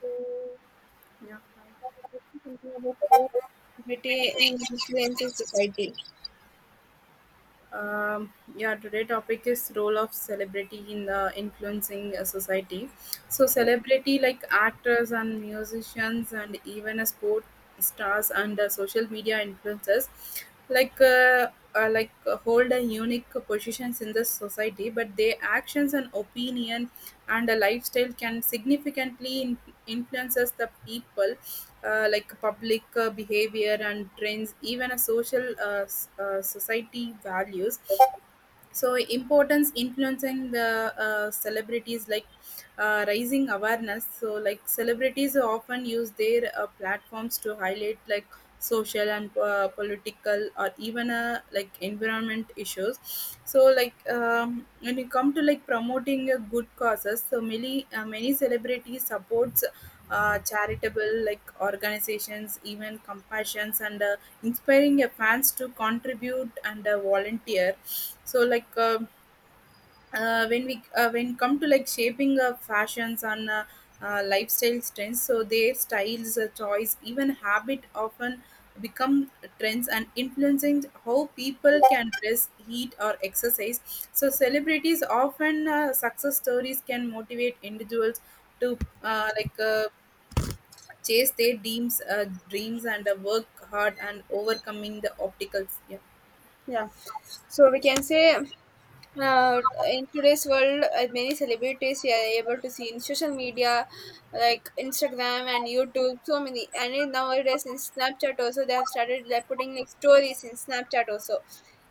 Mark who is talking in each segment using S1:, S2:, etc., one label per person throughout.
S1: So,
S2: Yeah.
S1: what is this? Is Something about how LGBT influences society.
S2: Yeah, today topic is role of celebrity in the influencing society. So celebrity like actors and musicians and even a sport stars and social media influencers like uh, hold a unique positions in the society, but their actions and opinion and a lifestyle can significantly influences the people, like public behavior and trends, even a social society values. So importance influencing the celebrities like raising awareness. So like celebrities often use their platforms to highlight like social and political or even like environment issues. So like when you come to like promoting a good causes, so many many celebrities supports charitable like organizations, even compassions, and inspiring your fans to contribute and volunteer. So like uh, when come to like shaping fashions and lifestyle trends, so their styles, choice, even habit often become trends and influencing how people can dress, eat, or exercise. So celebrities often success stories can motivate individuals to chase their dreams and work hard and overcoming the obstacles. Yeah.
S1: Yeah. So we can say in today's world, many celebrities we are able to see in social media, like Instagram and YouTube, so many. And in nowadays in Snapchat also, they have started like putting like stories in Snapchat also.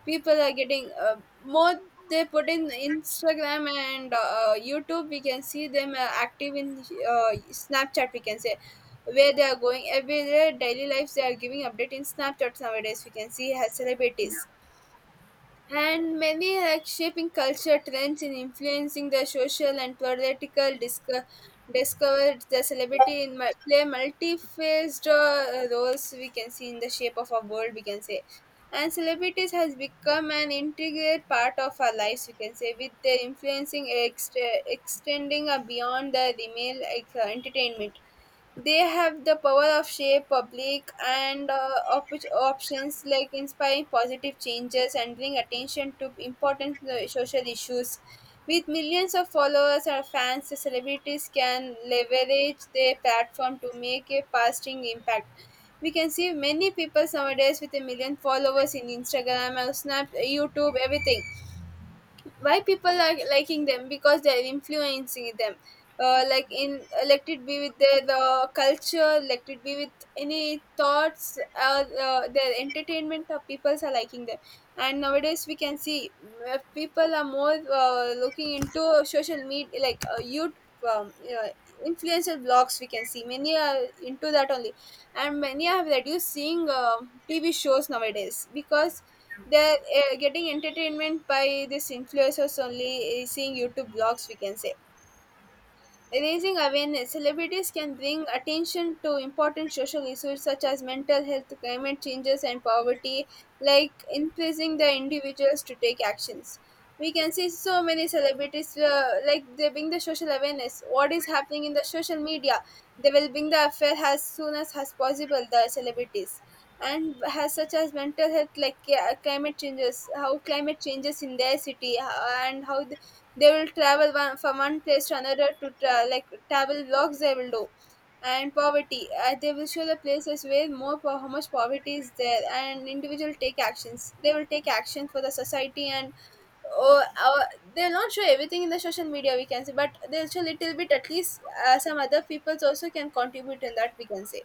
S1: People are getting more. They put in Instagram and YouTube. We can see them active in uh, Snapchat. We can say where they are going every their daily lives. They are giving update in Snapchat nowadays. We can see as celebrities and many like shaping culture trends and influencing the social and political discovered the celebrity in play multi-faced roles we can see in the shape of our world we can say, and celebrities has become an integral part of our lives we can say, with their influencing extending beyond the email like, entertainment. They have the power of shape public and options like inspiring positive changes and bring attention to important social issues. With millions of followers or fans, the celebrities can leverage their platform to make a lasting impact. We can see many people nowadays with a million followers in Instagram or Snap, YouTube, everything. Why people are liking them? Because they are influencing them, like in let it be with their culture, let it be with any thoughts, their entertainment, people are liking them. And nowadays we can see people are more looking into social media like YouTube, um, uh, influencer blogs. We can see many are into that only, and many have reduced seeing TV shows nowadays because they're getting entertainment by this influencers only, seeing YouTube blogs, we can say. Raising awareness, celebrities can bring attention to important social issues such as mental health, climate changes, and poverty, like increasing the individuals to take actions. We can see so many celebrities, like they bring the social awareness. What is happening in the social media? They will bring the affair as soon as possible, the celebrities. And has such as mental health, like climate changes, how climate changes in their city, and how they will travel one, from one place to another to like travel vlogs they will do, and poverty they will show the places where how much poverty is there, and individual take actions, they will take action for the society. And oh, they'll not show everything in the social media we can say, but they'll show little bit at least, some other peoples also can contribute in that we can say.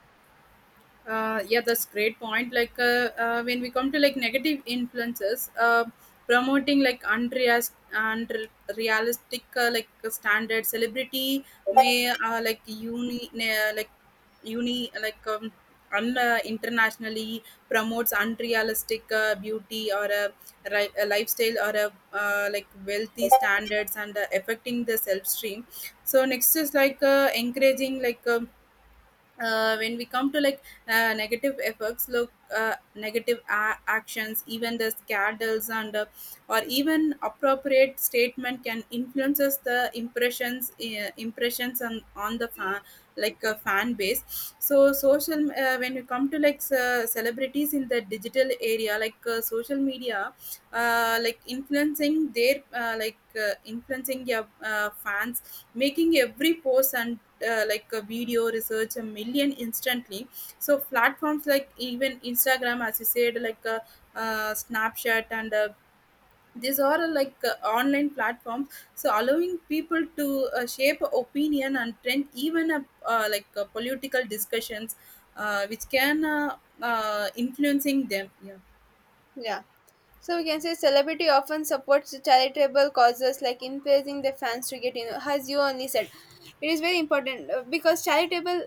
S2: Yeah, that's great point. When we come to like negative influences, promoting like unrealistic standard celebrity may like uni na- like uni like un- internationally promotes unrealistic beauty or a lifestyle or a like wealthy standards and affecting the self stream. So next is like encouraging when we come to like negative effects, look negative actions, even the scandals and or even appropriate statement can influences the impressions on the fan like a fan base. So social, when you come to like celebrities in the digital area like social media, like influencing their like influencing your fans, making every post and like a video research a million instantly. So platforms like even Instagram, as you said, Snapchat, and these are like online platforms, so allowing people to shape opinion and trend, even a, like political discussions, which can influencing them. Yeah.
S1: Yeah. So we can say celebrity often supports charitable causes like encouraging their fans to get in. As you only said, it is very important because charitable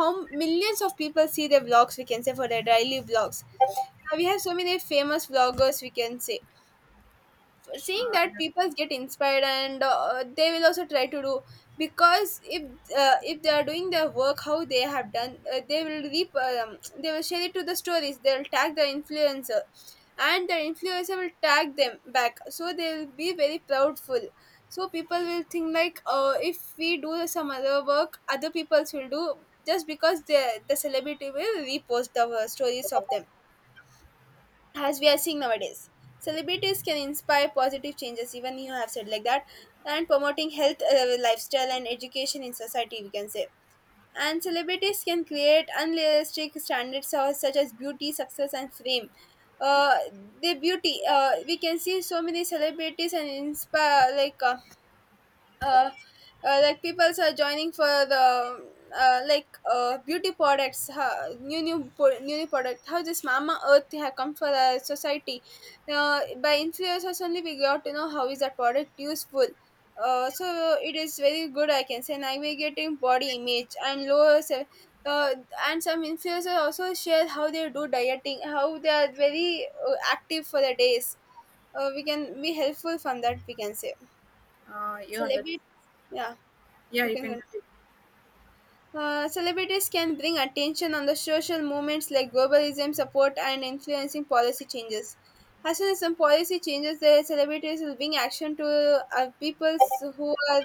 S1: home, millions of people see their vlogs. We can say for their daily vlogs. We have so many famous vloggers. We can say seeing
S2: uh,
S1: that people get inspired and they will also try to do because if they are doing their work how they have done, they will reap, they will share it to the stories, they will tag the influencer, and the influencer will tag them back, so they will be very proudful. So people will think like if we do some other work, other people's will do, just because the celebrity will repost the stories of them, as we are seeing nowadays. Celebrities can inspire positive changes, even you have said like that, and promoting health, lifestyle, and education in society, we can say. And celebrities can create unrealistic standards of- such as beauty, success, and fame. Uh, the beauty, we can see so many celebrities and inspire uh, like people are joining for the like beauty products, new new product, how this Mama Earth have come for the society. Uh, by influencers only we got to know how is that product useful. Uh, so it is very good, I can say, navigating body image and uh, and some influencers also share how they do dieting, how they are very active for the days. Uh, we can be helpful from that, we can say.
S2: yeah, yeah, that.
S1: Celebrity. Yeah,
S2: Yeah,
S1: you
S2: you
S1: can
S2: can.
S1: celebrities can bring attention on the social movements like globalism support and influencing policy changes. As soon as some policy changes, the celebrities will bring action to people who are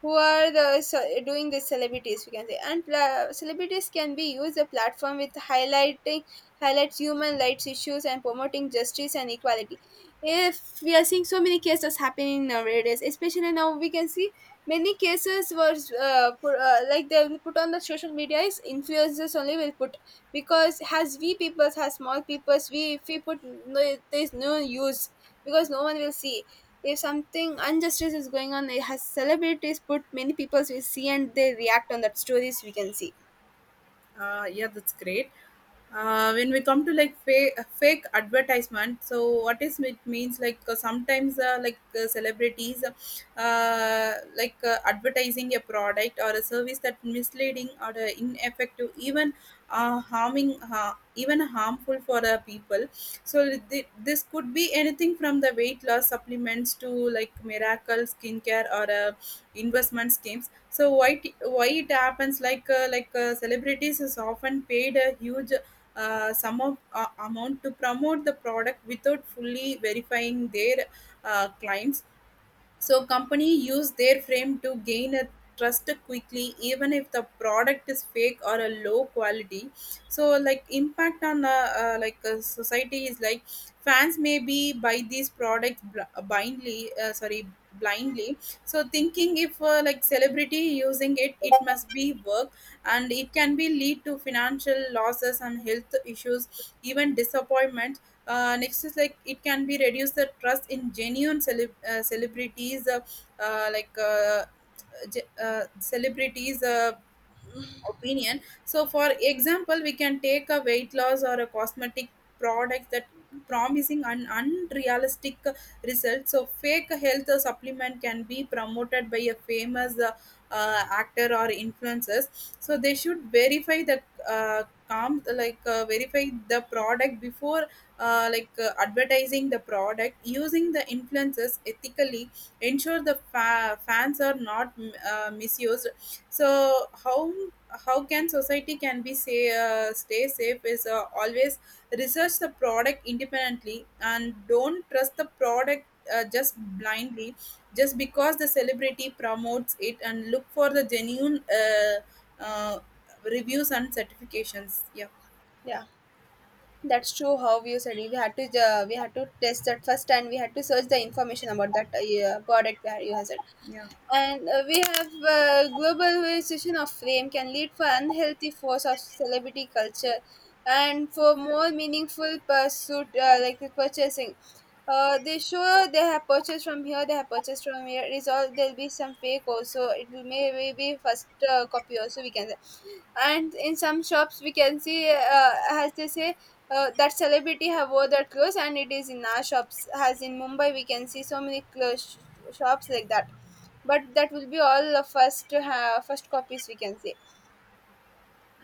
S1: who are doing the celebrities, we can say. And celebrities can be used a platform with highlighting, highlights human rights issues and promoting justice and equality. If we are seeing so many cases happening nowadays, especially now we can see many cases was put, like they will put on the social media, is influencers only will put. Because has we peoples, has small peoples we if we put, no, there is no use, because no one will see. If something injustice is going on, it has celebrities put, many people we see and they react on that stories, we can see.
S2: Yeah, that's great. When we come to like fake advertisement, so what is it means, like sometimes celebrities advertising a product or a service that misleading or ineffective, even even harmful for the people. So this could be anything from the weight loss supplements to like miracle skincare or investment schemes. So why it happens, celebrities is often paid a huge sum of amount to promote the product without fully verifying their clients. So company use their frame to gain a trust quickly, even if the product is fake or a low quality. So like impact on like a society is like fans may be buy these products blindly. Sorry, blindly. So thinking if like celebrity using it, it must be work, and it can be lead to financial losses and health issues, even disappointment. Next is like it can be reduce the trust in genuine celeb- celebrities like ge- celebrities opinion. So, for example, we can take a weight loss or a cosmetic product that promising an unrealistic result. So, fake health supplement can be promoted by a famous actor or influencers. So, they should verify the verify the product before advertising the product, using the influencers ethically, ensure the fans are not misused. So how can society can be say, stay safe is always research the product independently and don't trust the product just blindly just because the celebrity promotes it, and look for the genuine uh, reviews and certifications. Yeah.
S1: Yeah, that's true how you said it. We had to we had to test that first, and we had to search the information about that, yeah, product where you have said.
S2: Yeah.
S1: And we have globalization of fame can lead for unhealthy force of celebrity culture, and for more meaningful pursuit, like the purchasing. They show they have purchased from here, they have purchased from here. It is all there'll be some fake also. It will maybe be first copy also we can. And in some shops we can see, as they say, that celebrity have wore that clothes, and it is in our shops as in Mumbai we can see so many clothes shops like that. But that will be all the first first copies we can see.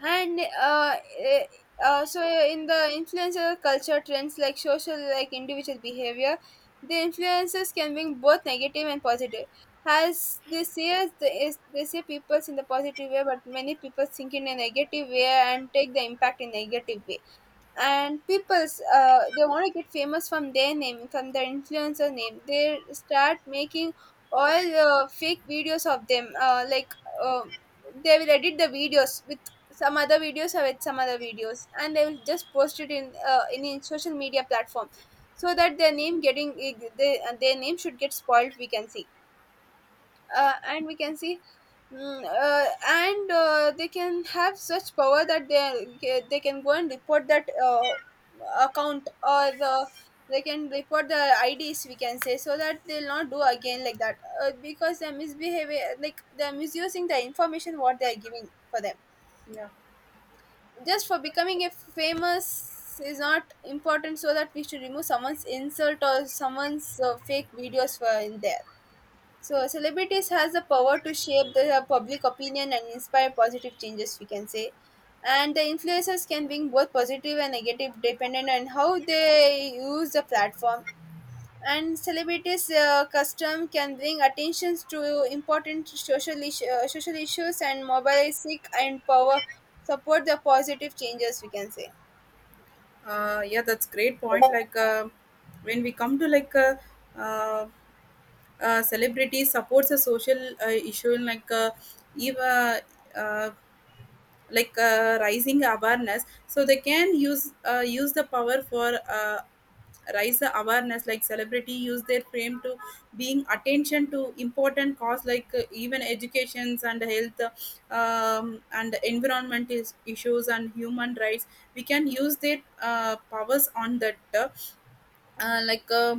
S1: And so in the influencer culture trends like social like individual behavior, the influences can bring both negative and positive, as they say. As the, is they say people in the positive way, but many people think in a negative way and take the impact in negative way. And people's they want to get famous, from their name, from their influencer name, they start making all fake videos of them, um they will edit the videos with some other videos, or with some other videos, and they will just post it in in social media platform, so that their name getting their name should get spoiled, we can see. Uh, and we can see and they can have such power that they can go and report that, account or the, they can report the IDs, we can say, so that they'll not do again like that. Uh, because they're misbehaving, like they're misusing the information what they're giving for them,
S2: Yeah.
S1: just for becoming a famous is not important. So that we should remove someone's insult or someone's fake videos for in there. So celebrities has the power to shape the public opinion and inspire positive changes, we can say. And the influencers can bring both positive and negative dependent on how they use the platform. And celebrities' custom can bring attentions to important social, issue, social issues and mobilize sick and power, support the positive changes, we can say.
S2: Yeah, that's great point. When we come to uh, celebrity supports a social issue, like even uh, like rising awareness, so they can use use the power for rise the awareness. Like celebrity use their fame to being attention to important cause, like even educations and health, and environment issues and human rights. We can use their powers on that. uh, like uh,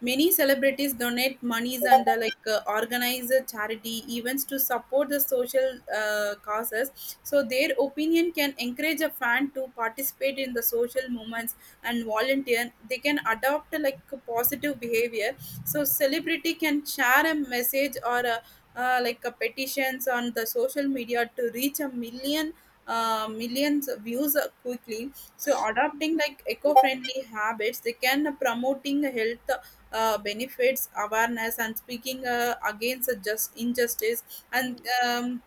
S2: Many celebrities donate monies and organize charity events to support the social causes. So their opinion can encourage a fan to participate in the social movements and volunteer. They can adopt like a positive behavior. So celebrity can share a message or like a petitions on the social media to reach a million millions of views quickly. So adopting like eco-friendly habits, they can promoting health benefits awareness and speaking against just injustice and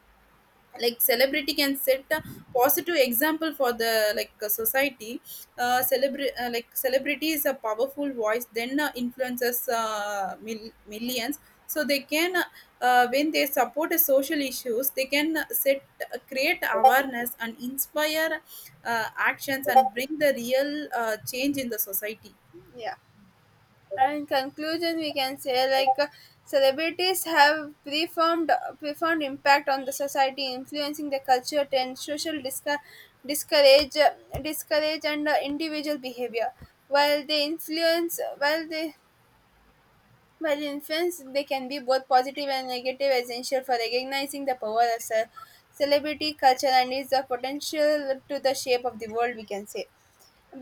S2: like celebrity can set a positive example for the society. Like celebrity is a powerful voice then influences millions. So they can when they support social issues, they can set create awareness and inspire actions and bring the real change in the society.
S1: Yeah. And in conclusion, we can say like celebrities have profound impact on the society, influencing the culture and social discourage, discourage and individual behavior. While they influence, while they while influence, they can be both positive and negative, essential for recognizing the power of celebrity culture and its the potential to the shape of the world. We can say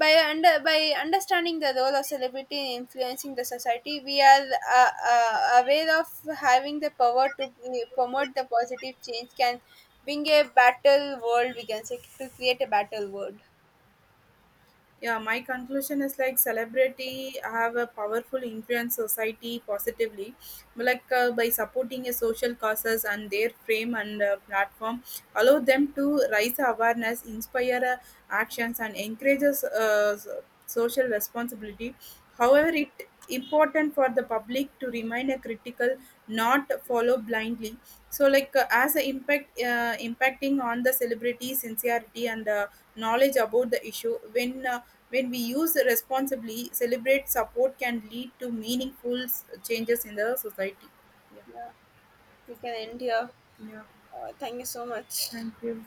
S1: by understanding the role of celebrity in influencing the society, we are aware of having the power to promote the positive change, can bring a battle world, we can say, to create a battle world.
S2: Yeah, my conclusion is like celebrity have a powerful influence society positively. By supporting a social causes, and their frame and platform allow them to raise awareness, inspire actions, and encourages social responsibility. However, it important for the public to remain a critical, not follow blindly. As a impact, impacting on the celebrity sincerity and knowledge about the issue, when we use responsibly, celebrate support can lead to meaningful changes in the society.
S1: Yeah, we can end here.
S2: Yeah. Yeah,
S1: Uh, thank you so much.
S2: thank you.